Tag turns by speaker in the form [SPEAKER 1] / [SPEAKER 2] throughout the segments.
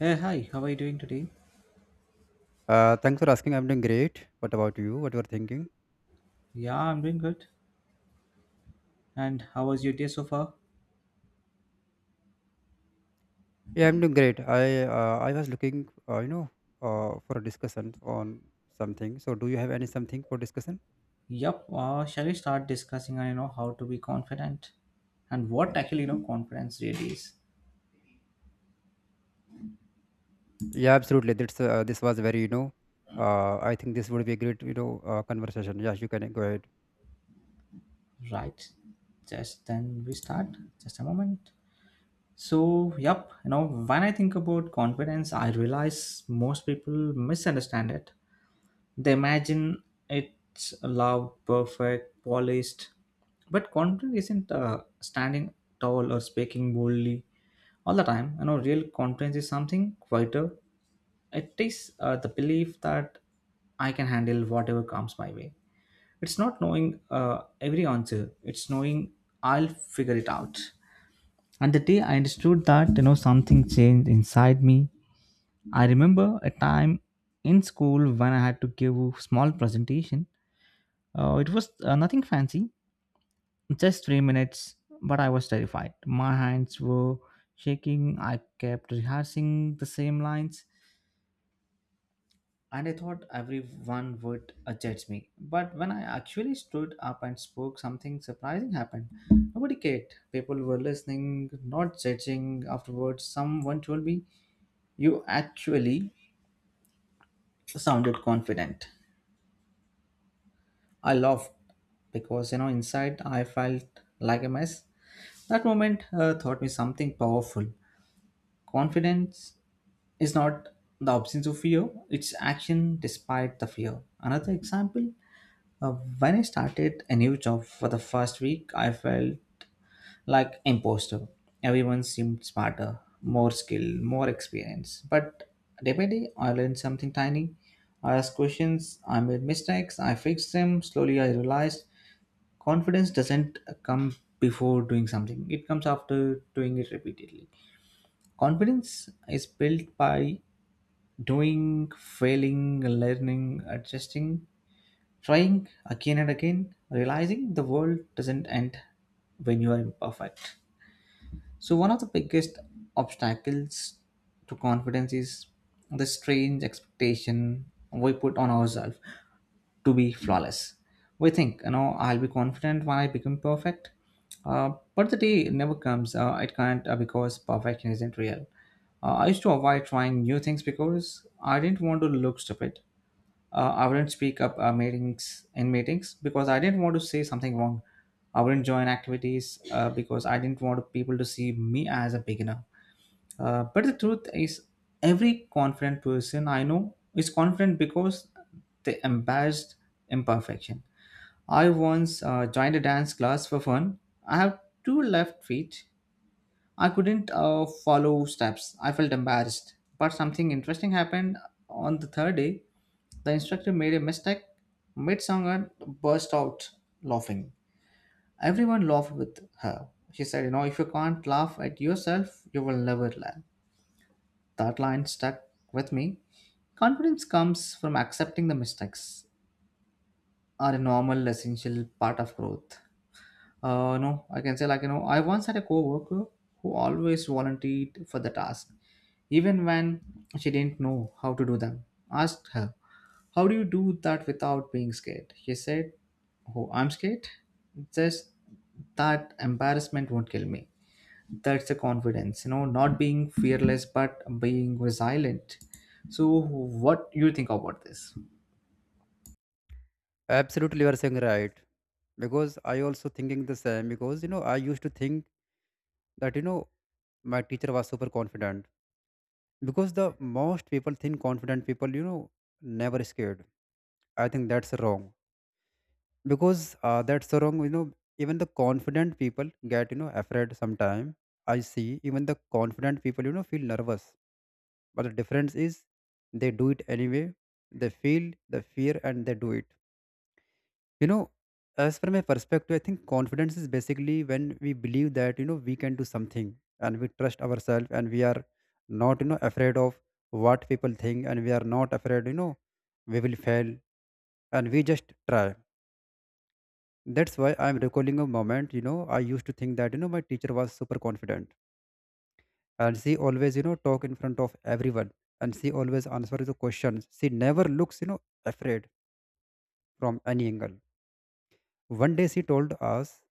[SPEAKER 1] Hey, hi, how are you doing today?
[SPEAKER 2] Thanks for asking. I'm doing great. What about you? What you are thinking?
[SPEAKER 1] Yeah, I'm doing good. And how was your day so far?
[SPEAKER 2] Yeah, I'm doing great. I was looking for a discussion on something. So, do you have any something for discussion?
[SPEAKER 1] Yup, shall we start discussing, how to be confident and what actually, confidence really is?
[SPEAKER 2] Yeah, absolutely. That's this was very, you know, I think this would be a great conversation. Yeah, you can go ahead.
[SPEAKER 1] Right. Just then we start. Just a moment. So, yup, when I think about confidence, I realize most people misunderstand it. They imagine it's loud, perfect, polished, but confidence isn't standing tall or speaking boldly all the time. Real confidence is something quieter. It is the belief that I can handle whatever comes my way. It's not knowing every answer. It's knowing I'll figure it out. And the day I understood that, something changed inside me. I remember a time in school when I had to give a small presentation, it was nothing fancy, just 3 minutes, but I was terrified. My hands were shaking. I kept rehearsing the same lines, and I thought everyone would judge me. But when I actually stood up and spoke, something surprising happened. Nobody cared. People were listening, not judging. Afterwards, someone told me, "You actually sounded confident." I laughed because, inside I felt like a mess. That moment taught me something powerful. Confidence is not the absence of fear, it's action despite the fear. Another example, uh, when I started a new job for the first week, I felt like imposter. Everyone seemed smarter, more skilled, more experienced. But day by day, I learned something tiny. I asked questions, I made mistakes, I fixed them. Slowly, I realized confidence doesn't come before doing something, it comes after doing it repeatedly. Confidence is built by doing, failing, learning, adjusting, trying again and again, realizing the world doesn't end when you are imperfect. So, one of the biggest obstacles to confidence is the strange expectation we put on ourselves to be flawless. We think, I'll be confident when I become perfect. But the day never comes. It can't, because perfection isn't real. I used to avoid trying new things because I didn't want to look stupid. I wouldn't speak up meetings in meetings because I didn't want to say something wrong. I wouldn't join activities because I didn't want people to see me as a beginner. But the truth is, every confident person I know is confident because they embraced imperfection. I once joined a dance class for fun. I have two left feet, I couldn't follow steps. I felt embarrassed. But something interesting happened on the third day. The instructor made a mistake mid song and burst out laughing. Everyone laughed with her. She said, "You know, if you can't laugh at yourself, you will never learn." That line stuck with me. Confidence comes from accepting the mistakes are a normal, essential part of growth. No, I can say like I once had a coworker who always volunteered for the task, even when she didn't know how to do them. Asked her, "How do you do that without being scared?" She said, "Oh, I'm scared. Just that embarrassment won't kill me. That's the confidence, you know, not being fearless but being resilient." So, what you think about this?
[SPEAKER 2] Absolutely, you are saying right. Because I also thinking the same. Because I used to think that my teacher was super confident. Because the most people think confident people, never scared. I think that's wrong because that's so wrong, even the confident people get afraid sometime. I see even the confident people feel nervous, but the difference is they do it anyway. They feel the fear and they do it you know as from my perspective, I think confidence is basically when we believe that we can do something, and we trust ourselves, and we are not afraid of what people think, and we are not afraid we will fail, and we just try. That's why I'm recalling a moment. I used to think that, my teacher was super confident, and she always, talk in front of everyone, and she always answer the questions. She never looks, afraid from any angle. One day she told us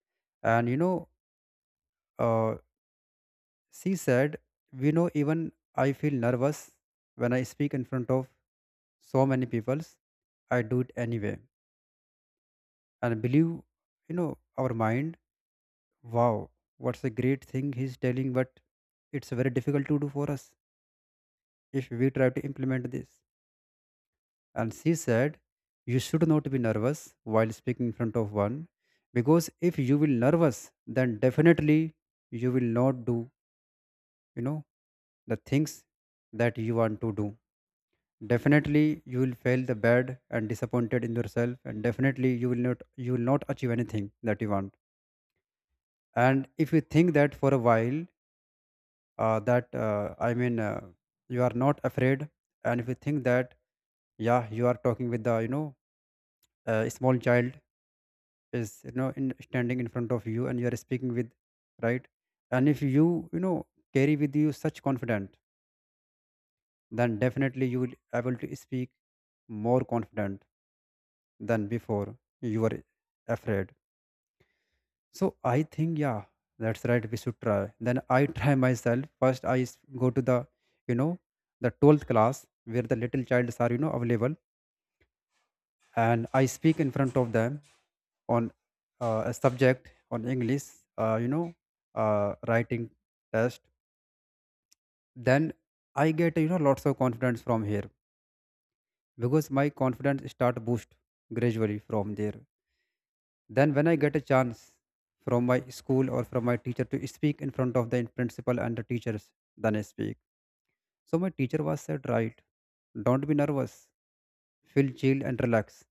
[SPEAKER 2] and, uh, she said, we know even I feel nervous when I speak in front of so many peoples. I do it anyway and believe, our mind. Wow, what's a great thing he's telling, but it's very difficult to do for us if we try to implement this. And she said, you should not be nervous while speaking in front of one, because if you will nervous, then definitely you will not do, you know, the things that you want to do. Definitely you will fail the bad and disappointed in yourself, and definitely you will not achieve anything that you want. And if you think that for a while, that I mean, you are not afraid. And if you think that, yeah, you are talking with the a small child is in standing in front of you, and you are speaking with, right. And if you you know carry with you such confident, then definitely you will able to speak more confident than before you were afraid. So I think, yeah, that's right. We should try. Then I try myself. First, go to you know, the 12th class where the little childs are, available, and I speak in front of them on a subject on English, uh, you know, writing test. Then I get, lots of confidence from here because my confidence start boost gradually from there. Then, when I get a chance from my school or from my teacher to speak in front of the principal and the teachers, then I speak. So, my teacher was said, right, don't be nervous, feel chill and relax,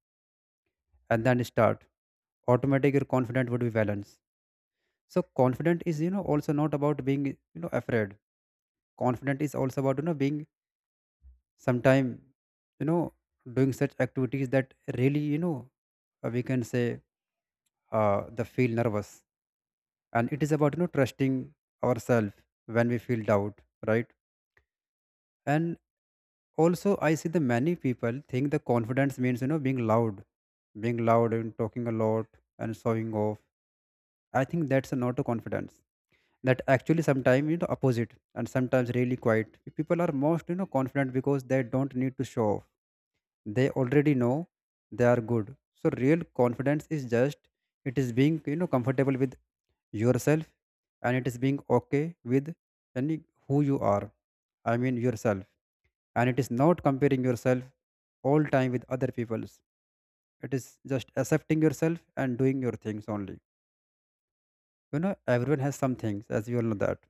[SPEAKER 2] and then start. Automatic, your confidence would be balanced. So, confident is, also not about being, afraid. Confident is also about, being sometime, you know, doing such activities that really, we can say, the feel nervous, and it is about trusting ourselves when we feel doubt, right. And also I see the many people think the confidence means being loud, being loud and talking a lot and showing off. I think that's not a confidence. That actually sometimes opposite, and sometimes really quiet people are most confident because they don't need to show off. They already know they are good. So real confidence is just, it is being comfortable with yourself, and it is being okay with any who you are, I mean yourself, and it is not comparing yourself all time with other people's. It is just accepting yourself and doing your things only. You know, everyone has some things, as you all know that,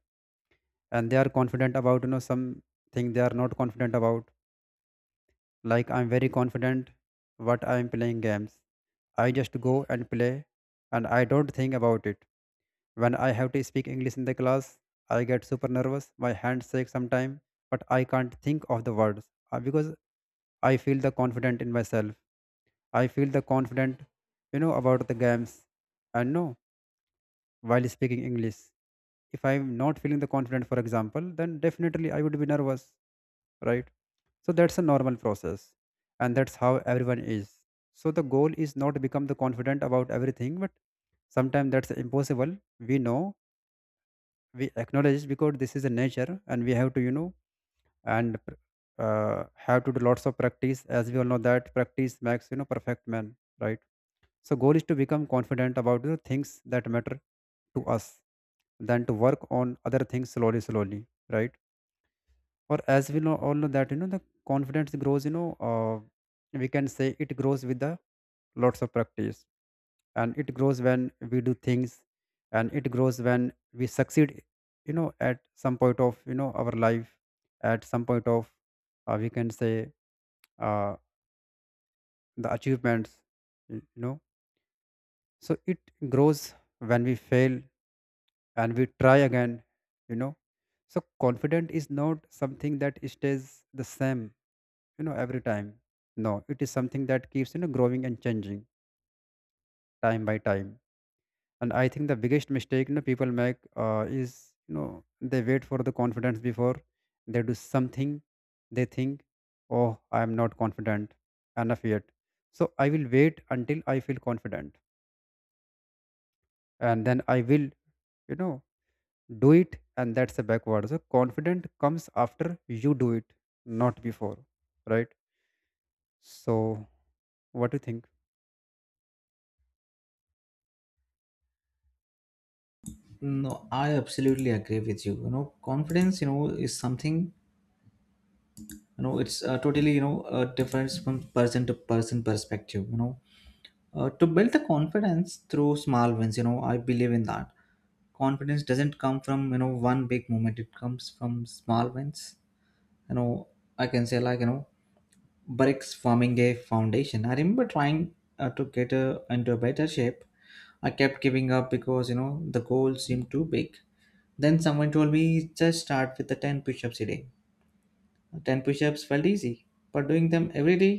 [SPEAKER 2] and they are confident about something they are not confident about. Like, I'm very confident what I'm playing games. I just go and play, and I don't think about it. When I have to speak English in the class, I get super nervous. My hands shake sometimes, but I can't think of the words, because I feel the confident in myself. I feel the confident, about the games. And no, while speaking English, if I'm not feeling the confident, for example, then definitely I would be nervous, right? So that's a normal process, and that's how everyone is. So the goal is not to become the confident about everything, but sometimes that's impossible. We know, we acknowledge because this is a nature, and we have to, you know, and pr- have to do lots of practice. As we all know that practice makes perfect man, right? So goal is to become confident about the things that matter to us, than to work on other things slowly, slowly, right? Or as we know all know that the confidence grows, we can say it grows with the lots of practice, and it grows when we do things, and it grows when we succeed, at some point of our life, at some point of, we can say, uh, the achievements, you you know so it grows when we fail and we try again, you know. So confident is not something that stays the same every time. No, it is something that keeps growing and changing time by time. And I think the biggest mistake people make, is they wait for the confidence before they do something. They think, oh, I am not confident enough yet, so I will wait until I feel confident, and then I will you know do it. And that's a backward. So confident comes after you do it, not before, right? So what do you think?
[SPEAKER 1] No, I absolutely agree with you. Confidence, is something, it's totally, difference from person to person perspective, to build the confidence through small wins, I believe in that. Confidence doesn't come from, one big moment, it comes from small wins. you know I can say like, bricks forming a foundation. I remember trying to get into a better shape. I kept giving up because, the goal seemed too big. Then someone told me, just start with the 10 push-ups a day. 10 push-ups felt easy, but doing them every day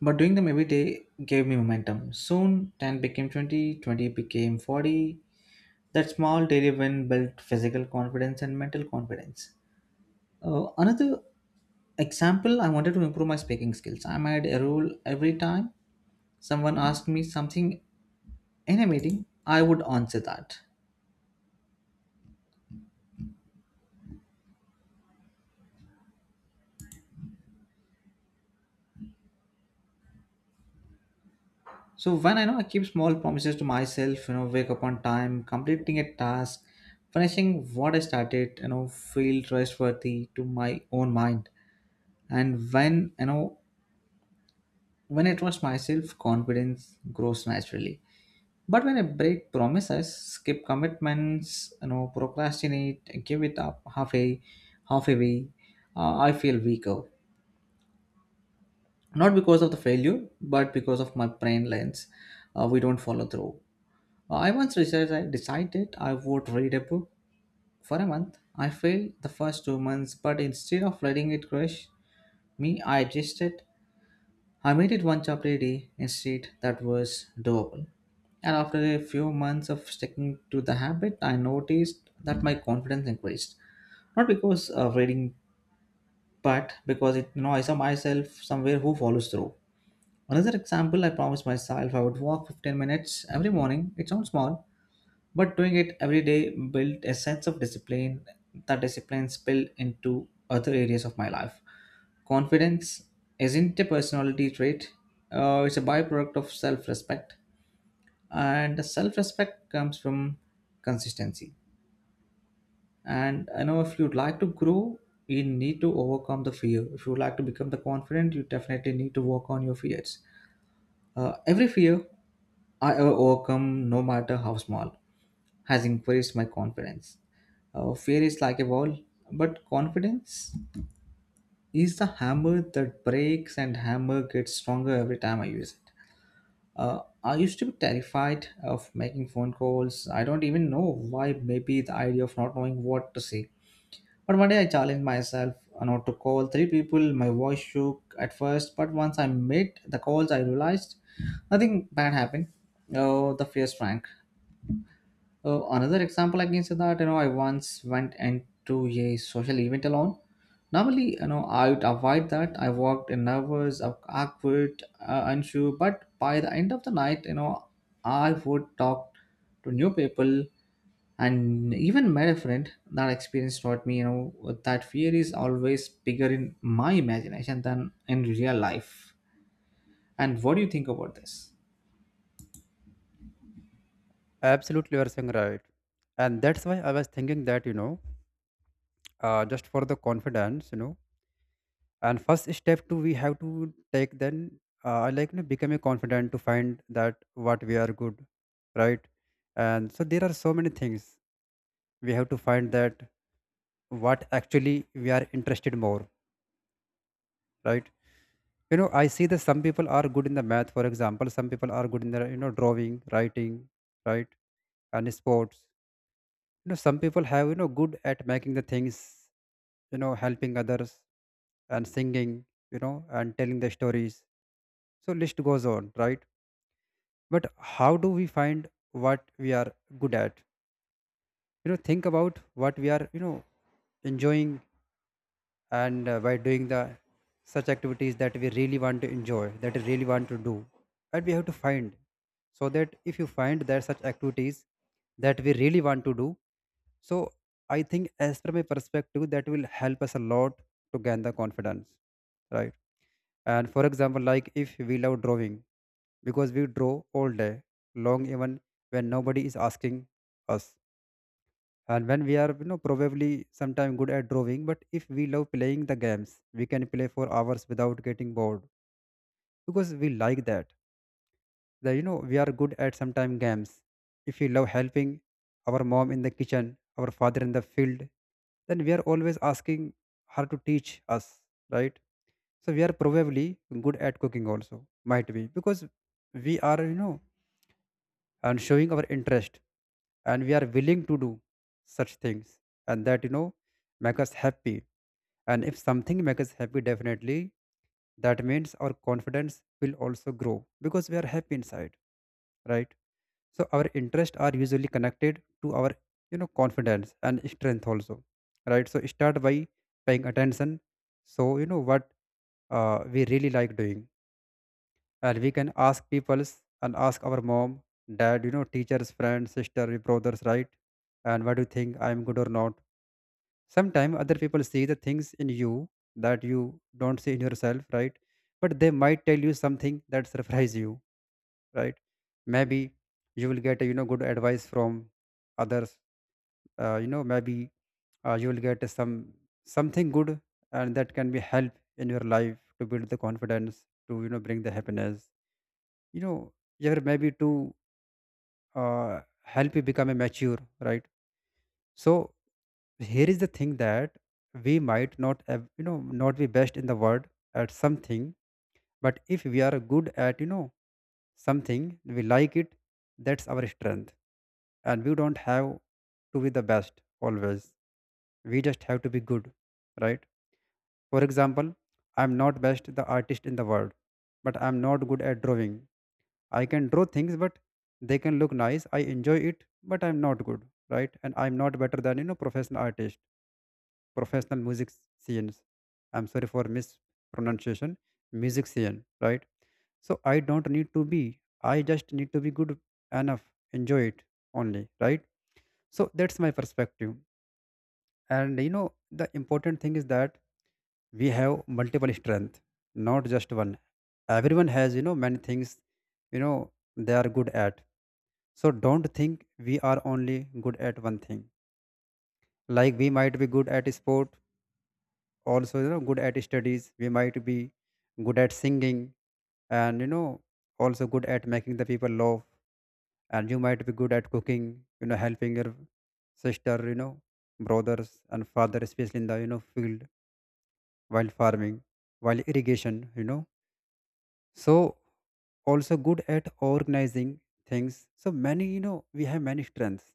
[SPEAKER 1] but doing them every day gave me momentum. Soon, 10 became 20, 20 became 40. That small daily win built physical confidence and mental confidence. Another example, I wanted to improve my speaking skills. I made a rule, every time someone asked me something in a meeting, I would answer that. So when I know I keep small promises to myself, wake up on time, completing a task, finishing what I started, feel trustworthy to my own mind. And when, when I trust myself, confidence grows naturally. But when I break promises, skip commitments, procrastinate, give it up halfway, halfway way, I feel weaker, not because of the failure but because of my brain lens, we don't follow through. I once researched, I decided I would read a book for a month. I failed the first 2 months, but instead of letting it crush me, I adjusted. I made it one chocolate day instead, that was doable. And after a few months of sticking to the habit, I noticed that my confidence increased. Not because of reading, but because it, I saw myself somewhere who follows through. Another example, I promised myself I would walk 15 minutes every morning. It sounds small, but doing it every day built a sense of discipline. That discipline spilled into other areas of my life. Confidence isn't a personality trait, it's a byproduct of self respect. And self respect comes from consistency. And I know if you'd like to grow, you need to overcome the fear. If you'd like to become the confident, you definitely need to work on your fears. Every fear I ever overcome, no matter how small, has increased my confidence. Fear is like a wall, but confidence is the hammer that breaks, and hammer gets stronger every time I use it. I used to be terrified of making phone calls. I don't even know why, maybe the idea of not knowing what to say. But one day I challenged myself not to call three people. My voice shook at first, but once I made the calls, I realized nothing bad happened. Oh, the fear shrank. Another example against that, I once went into a social event alone. Normally, I would avoid that. I walked in nervous, awkward, unsure. But by the end of the night, I would talk to new people and even met a friend. That experience taught me, that fear is always bigger in my imagination than in real life. And what do you think about this?
[SPEAKER 2] Absolutely, you are saying right. And that's why I was thinking that, just for the confidence, and first step to we have to take then, like, becoming confident to find that what we are good, right? And so there are so many things we have to find that what actually we are interested more, right? You know, I see that some people are good in the math, for example, some people are good in the, drawing, writing, right? And sports, some people have good at making the things, helping others, and singing, you know and telling the stories. So list goes on, right? But how do we find what we are good at? Think about what we are enjoying, and by doing the such activities that we really want to enjoy, that we really want to do, and we have to find. So that if you find there are such activities that we really want to do, so I think as from a perspective that will help us a lot to gain the confidence, right? And for example, like if we love drawing, because we draw all day long, even when nobody is asking us, and when we are probably sometime good at drawing. But if we love playing the games, we can play for hours without getting bored because we like that, the you know we are good at sometime games. If we love helping our mom in the kitchen, our father in the field, then we are always asking her to teach us, right? So we are probably good at cooking also, might be because we are, and showing our interest and we are willing to do such things, and that, make us happy. And if something makes us happy, definitely that means our confidence will also grow, because we are happy inside, right? So our interests are usually connected to our, confidence and strength also, right? So start by paying attention, so you know what we really like doing. And we can ask people's, and ask our mom, dad, teachers, friends, sister, brothers, right? And what do you think, I'm good or not? Sometimes other people see the things in you that you don't see in yourself, right? But they might tell you something that surprise you, right? Maybe you will get good advice from others. Maybe you will get some something good, and that can be help in your life to build the confidence, to bring the happiness, you know yeah, maybe to uh, help you become a mature, right? So here is the thing, that we might not have, not be best in the world at something, but if we are good at something we like it, that's our strength. And we don't have to be the best always, we just have to be good, right? For example, I'm not best the artist in the world, but I'm not good at drawing. I can draw things, but they can look nice, I enjoy it, but I'm not good, right? And I'm not better than, professional artist, professional music scenes. I'm sorry for mispronunciation, music scene, right? So I don't need to be, I just need to be good enough, enjoy it only, right? So that's my perspective. And, the important thing is that we have multiple strength, not just one. Everyone has, many things, they are good at. So don't think we are only good at one thing. Like we might be good at sport, also good at studies, we might be good at singing, and also good at making the people laugh, and you might be good at cooking, helping your sister, brothers and father, especially in the field, while farming, while irrigation, so also good at organizing things. So many, we have many strengths.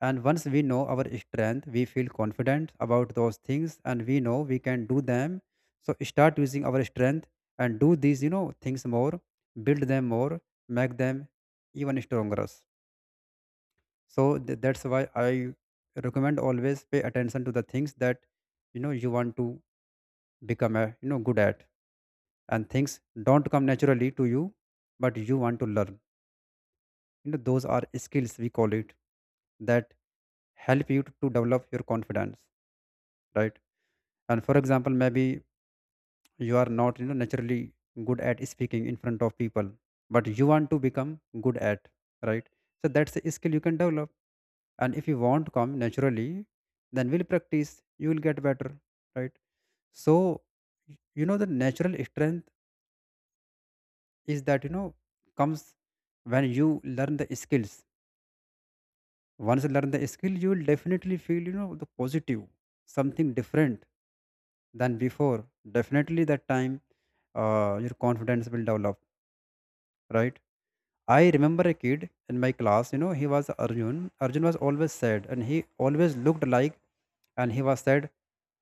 [SPEAKER 2] And once we know our strength, we feel confident about those things and we know we can do them. So start using our strength and do these, things more, build them more, make them even stronger. So that's why I recommend, always pay attention to the things that, you want to become a, good at, and things don't come naturally to you, but you want to learn. You know, those are skills we call it that help you to develop your confidence, right? And for example, maybe you are not, naturally good at speaking in front of people, but you want to become good at, right? So that's a skill you can develop. And if you want to come naturally, then will practice, you will get better, right? So the natural strength is that, comes when you learn the skills. Once you learn the skill, you will definitely feel, the positive, something different than before. Definitely that time your confidence will develop, right? I remember a kid in my class, he was Arjun. Arjun was always sad and he always looked like, and he was sad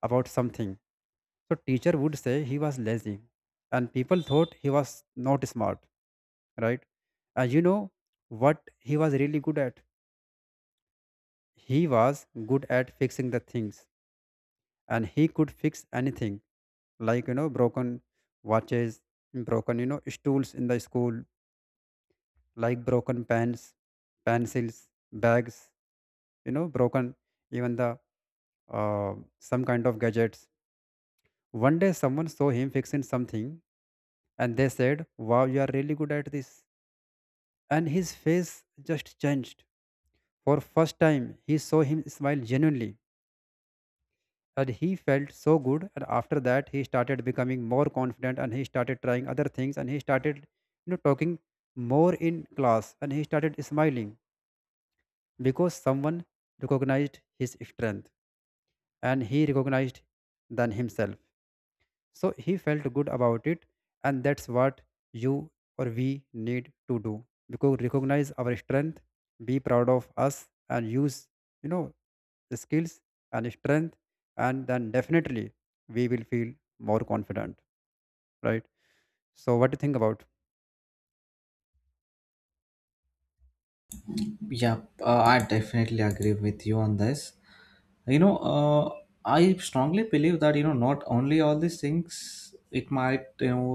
[SPEAKER 2] about something. So teacher would say he was lazy, and people thought he was not smart, right? And you know what he was really good at? He was good at fixing the things, and he could fix anything, like broken watches, broken, stools in the school, like broken pens, pencils, bags, broken even the some kind of gadgets. One day someone saw him fixing something, and they said, wow, you are really good at this. And his face just changed. For first time he saw him smile genuinely, and he felt so good. And after that he started becoming more confident, and he started trying other things, and he started, talking more in class, and he started smiling, because someone recognized his strength, and he recognized than himself. So he felt good about it, and that's what you or we need to do. Because recognize our strength, be proud of us, and use, you know the skills and strength, and then definitely we will feel more confident, right? So what do you think about?
[SPEAKER 1] Yeah, I definitely agree with you on this. you know uh, I strongly believe that, not only all these things, it might,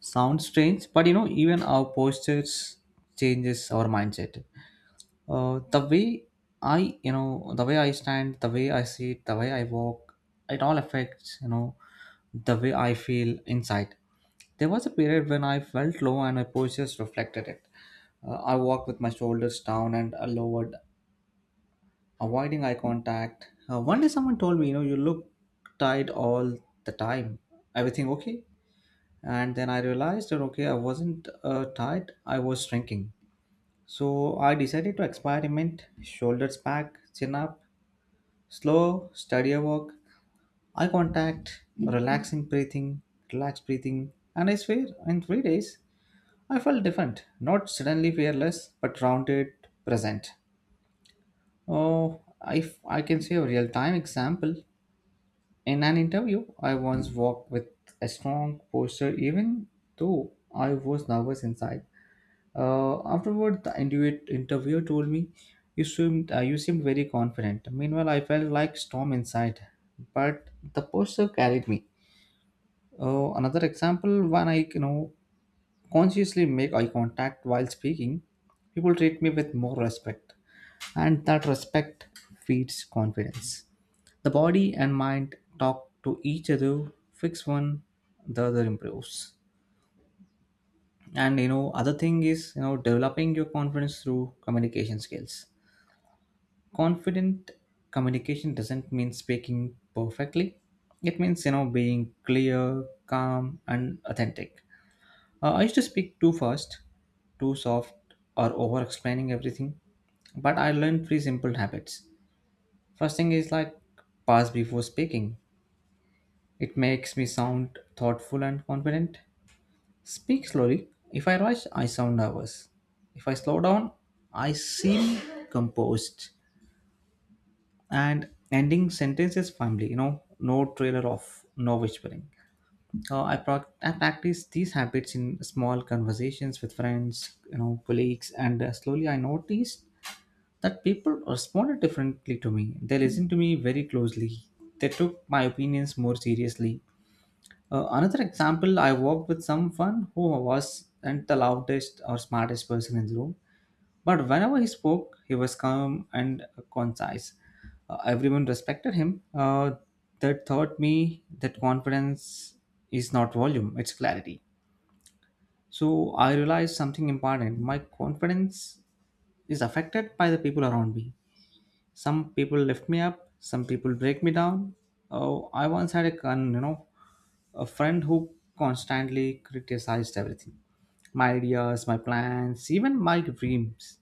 [SPEAKER 1] sound strange, but, even our postures changes our mindset. The way I, the way I stand, the way I sit, the way I walk, it all affects, the way I feel inside. There was a period when I felt low and my postures reflected it. I walked with my shoulders down and lowered, avoiding eye contact. One day someone told me, you look tired all the time. Everything okay? And then I realized that okay, I wasn't tired. I was shrinking. So I decided to experiment: shoulders back, chin up, slow, steadier walk, eye contact, relaxed breathing. And I swear, in 3 days, I felt different. Not suddenly fearless, but rounded, present. Oh, if I can say a real-time example, in an interview, I once walked with a strong posture even though I was nervous inside. Afterward, the interviewer told me, you seemed very confident. Meanwhile, I felt like storm inside, but the posture carried me. Another example, when I, consciously make eye contact while speaking, people treat me with more respect, and that respect feeds confidence. The body and mind talk to each other, fix one, the other improves. And, other thing is, developing your confidence through communication skills. Confident communication doesn't mean speaking perfectly. It means, being clear, calm, and authentic. I used to speak too fast, too soft, or over explaining everything, but I learned three simple habits. First thing is like pause before speaking. It makes me sound thoughtful and confident. Speak slowly. If I rush, I sound nervous. If I slow down, I seem composed. And ending sentences firmly, no trailer off, no whispering. I practice these habits in small conversations with friends, colleagues, and slowly I noticed that people responded differently to me. They listened to me very closely. They took my opinions more seriously. Another example, I worked with someone who wasn't the loudest or smartest person in the room, but whenever he spoke, he was calm and concise. Everyone respected him. That taught me that confidence is not volume, it's clarity. So I realized something important. My confidence is affected by the people around me. Some people lift me up, some people break me down. Oh, I once had a a friend who constantly criticized everything. My ideas, my plans, even my dreams.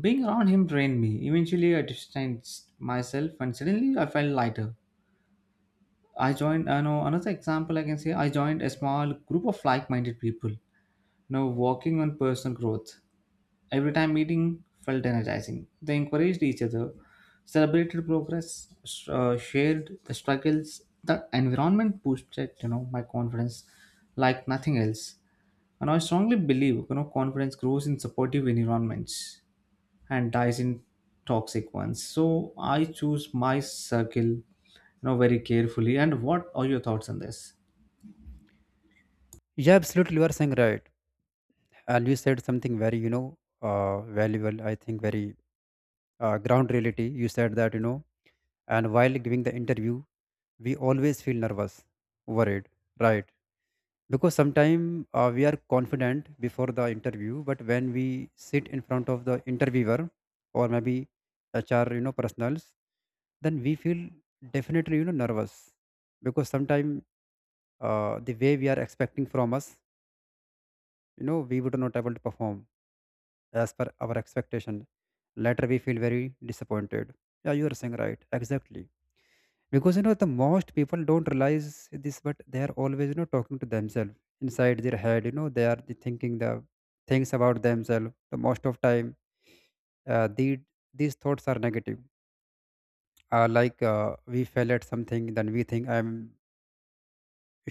[SPEAKER 1] Being around him drained me. Eventually, I distanced myself and suddenly I felt lighter. I joined, I know another example I can say, I joined a small group of like minded people, working on personal growth. Every time meeting felt energizing. They encouraged each other, celebrated progress, shared the struggles. The environment boosted, my confidence like nothing else. And I strongly believe, confidence grows in supportive environments and dies in toxic ones. So I choose my circle, very carefully. And what are your thoughts on this?
[SPEAKER 2] Yeah, absolutely, you are saying right, and you said something very, valuable. I think very ground reality. You said that, and while giving the interview, we always feel nervous, worried, right? Because sometimes we are confident before the interview, but when we sit in front of the interviewer, or maybe HR, personals, then we feel definitely, nervous. Because sometimes the way we are expecting from us, we would not able to perform as per our expectation. Later we feel very disappointed. Yeah, you are saying right, exactly. Because the most people don't realize this, but they are always, talking to themselves inside their head. You know, they are the thinking the things about themselves the most of time. The, these thoughts are negative. Like we fail at something, then we think, I'm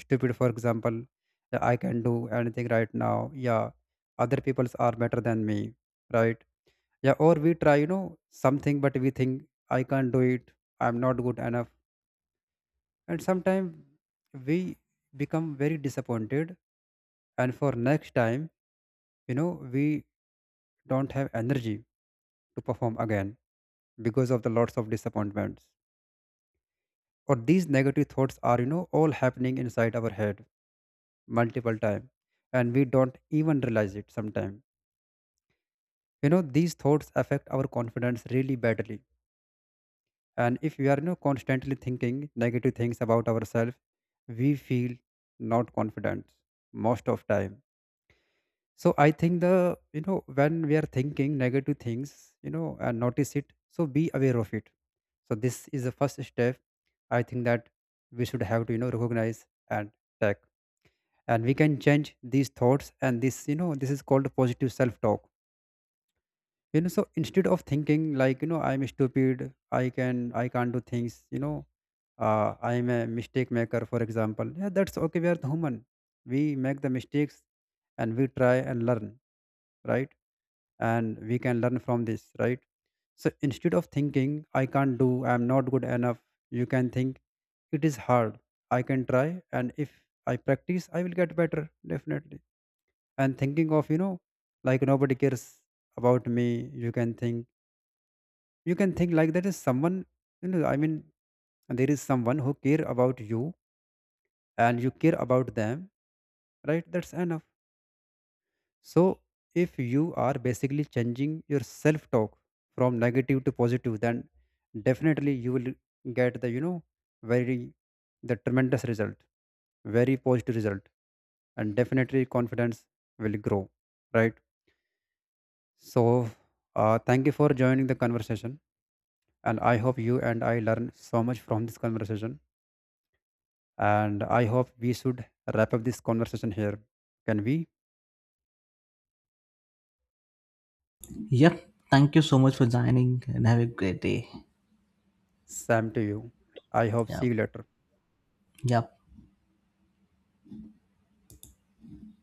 [SPEAKER 2] stupid, for example, that I can do anything right now. Yeah, other people's are better than me, right? Yeah, or we try, something, but we think, I can't do it, I'm not good enough. And sometimes we become very disappointed, and for next time, you know we don't have energy to perform again, because of the lots of disappointments. Or these negative thoughts are, all happening inside our head multiple time, and we don't even realize it sometimes. You know, these thoughts affect our confidence really badly. And if we are, constantly thinking negative things about ourselves, we feel not confident most of time. So I think the, when we are thinking negative things, and notice it, so be aware of it. So this is the first step, I think, that we should have to, recognize and take. And we can change these thoughts, and this, this is called positive self talk. You know, so instead of thinking like, I'm stupid, I can't do things, I'm a mistake maker, for example. Yeah, that's okay, we are the human, we make the mistakes, and we try and learn, right? And we can learn from this, right? So instead of thinking I can't do, I'm not good enough, you can think, it is hard, I can try, and if I practice I will get better, definitely. And thinking of, like nobody cares about me, you can think you can think like, that is someone, I mean, there is someone who care about you, and you care about them, right? That's enough. So, if you are basically changing your self talk from negative to positive, then definitely you will get the, very, the tremendous result, very positive result, and definitely confidence will grow, right? So, thank you for joining the conversation. And I hope you and I learn so much from this conversation. And I hope we should wrap up this conversation here. Can we?
[SPEAKER 1] Yep. Thank you so much for joining and have a great day.
[SPEAKER 2] Sam to you. I hope see
[SPEAKER 1] Yep.
[SPEAKER 2] you later.
[SPEAKER 1] Yep.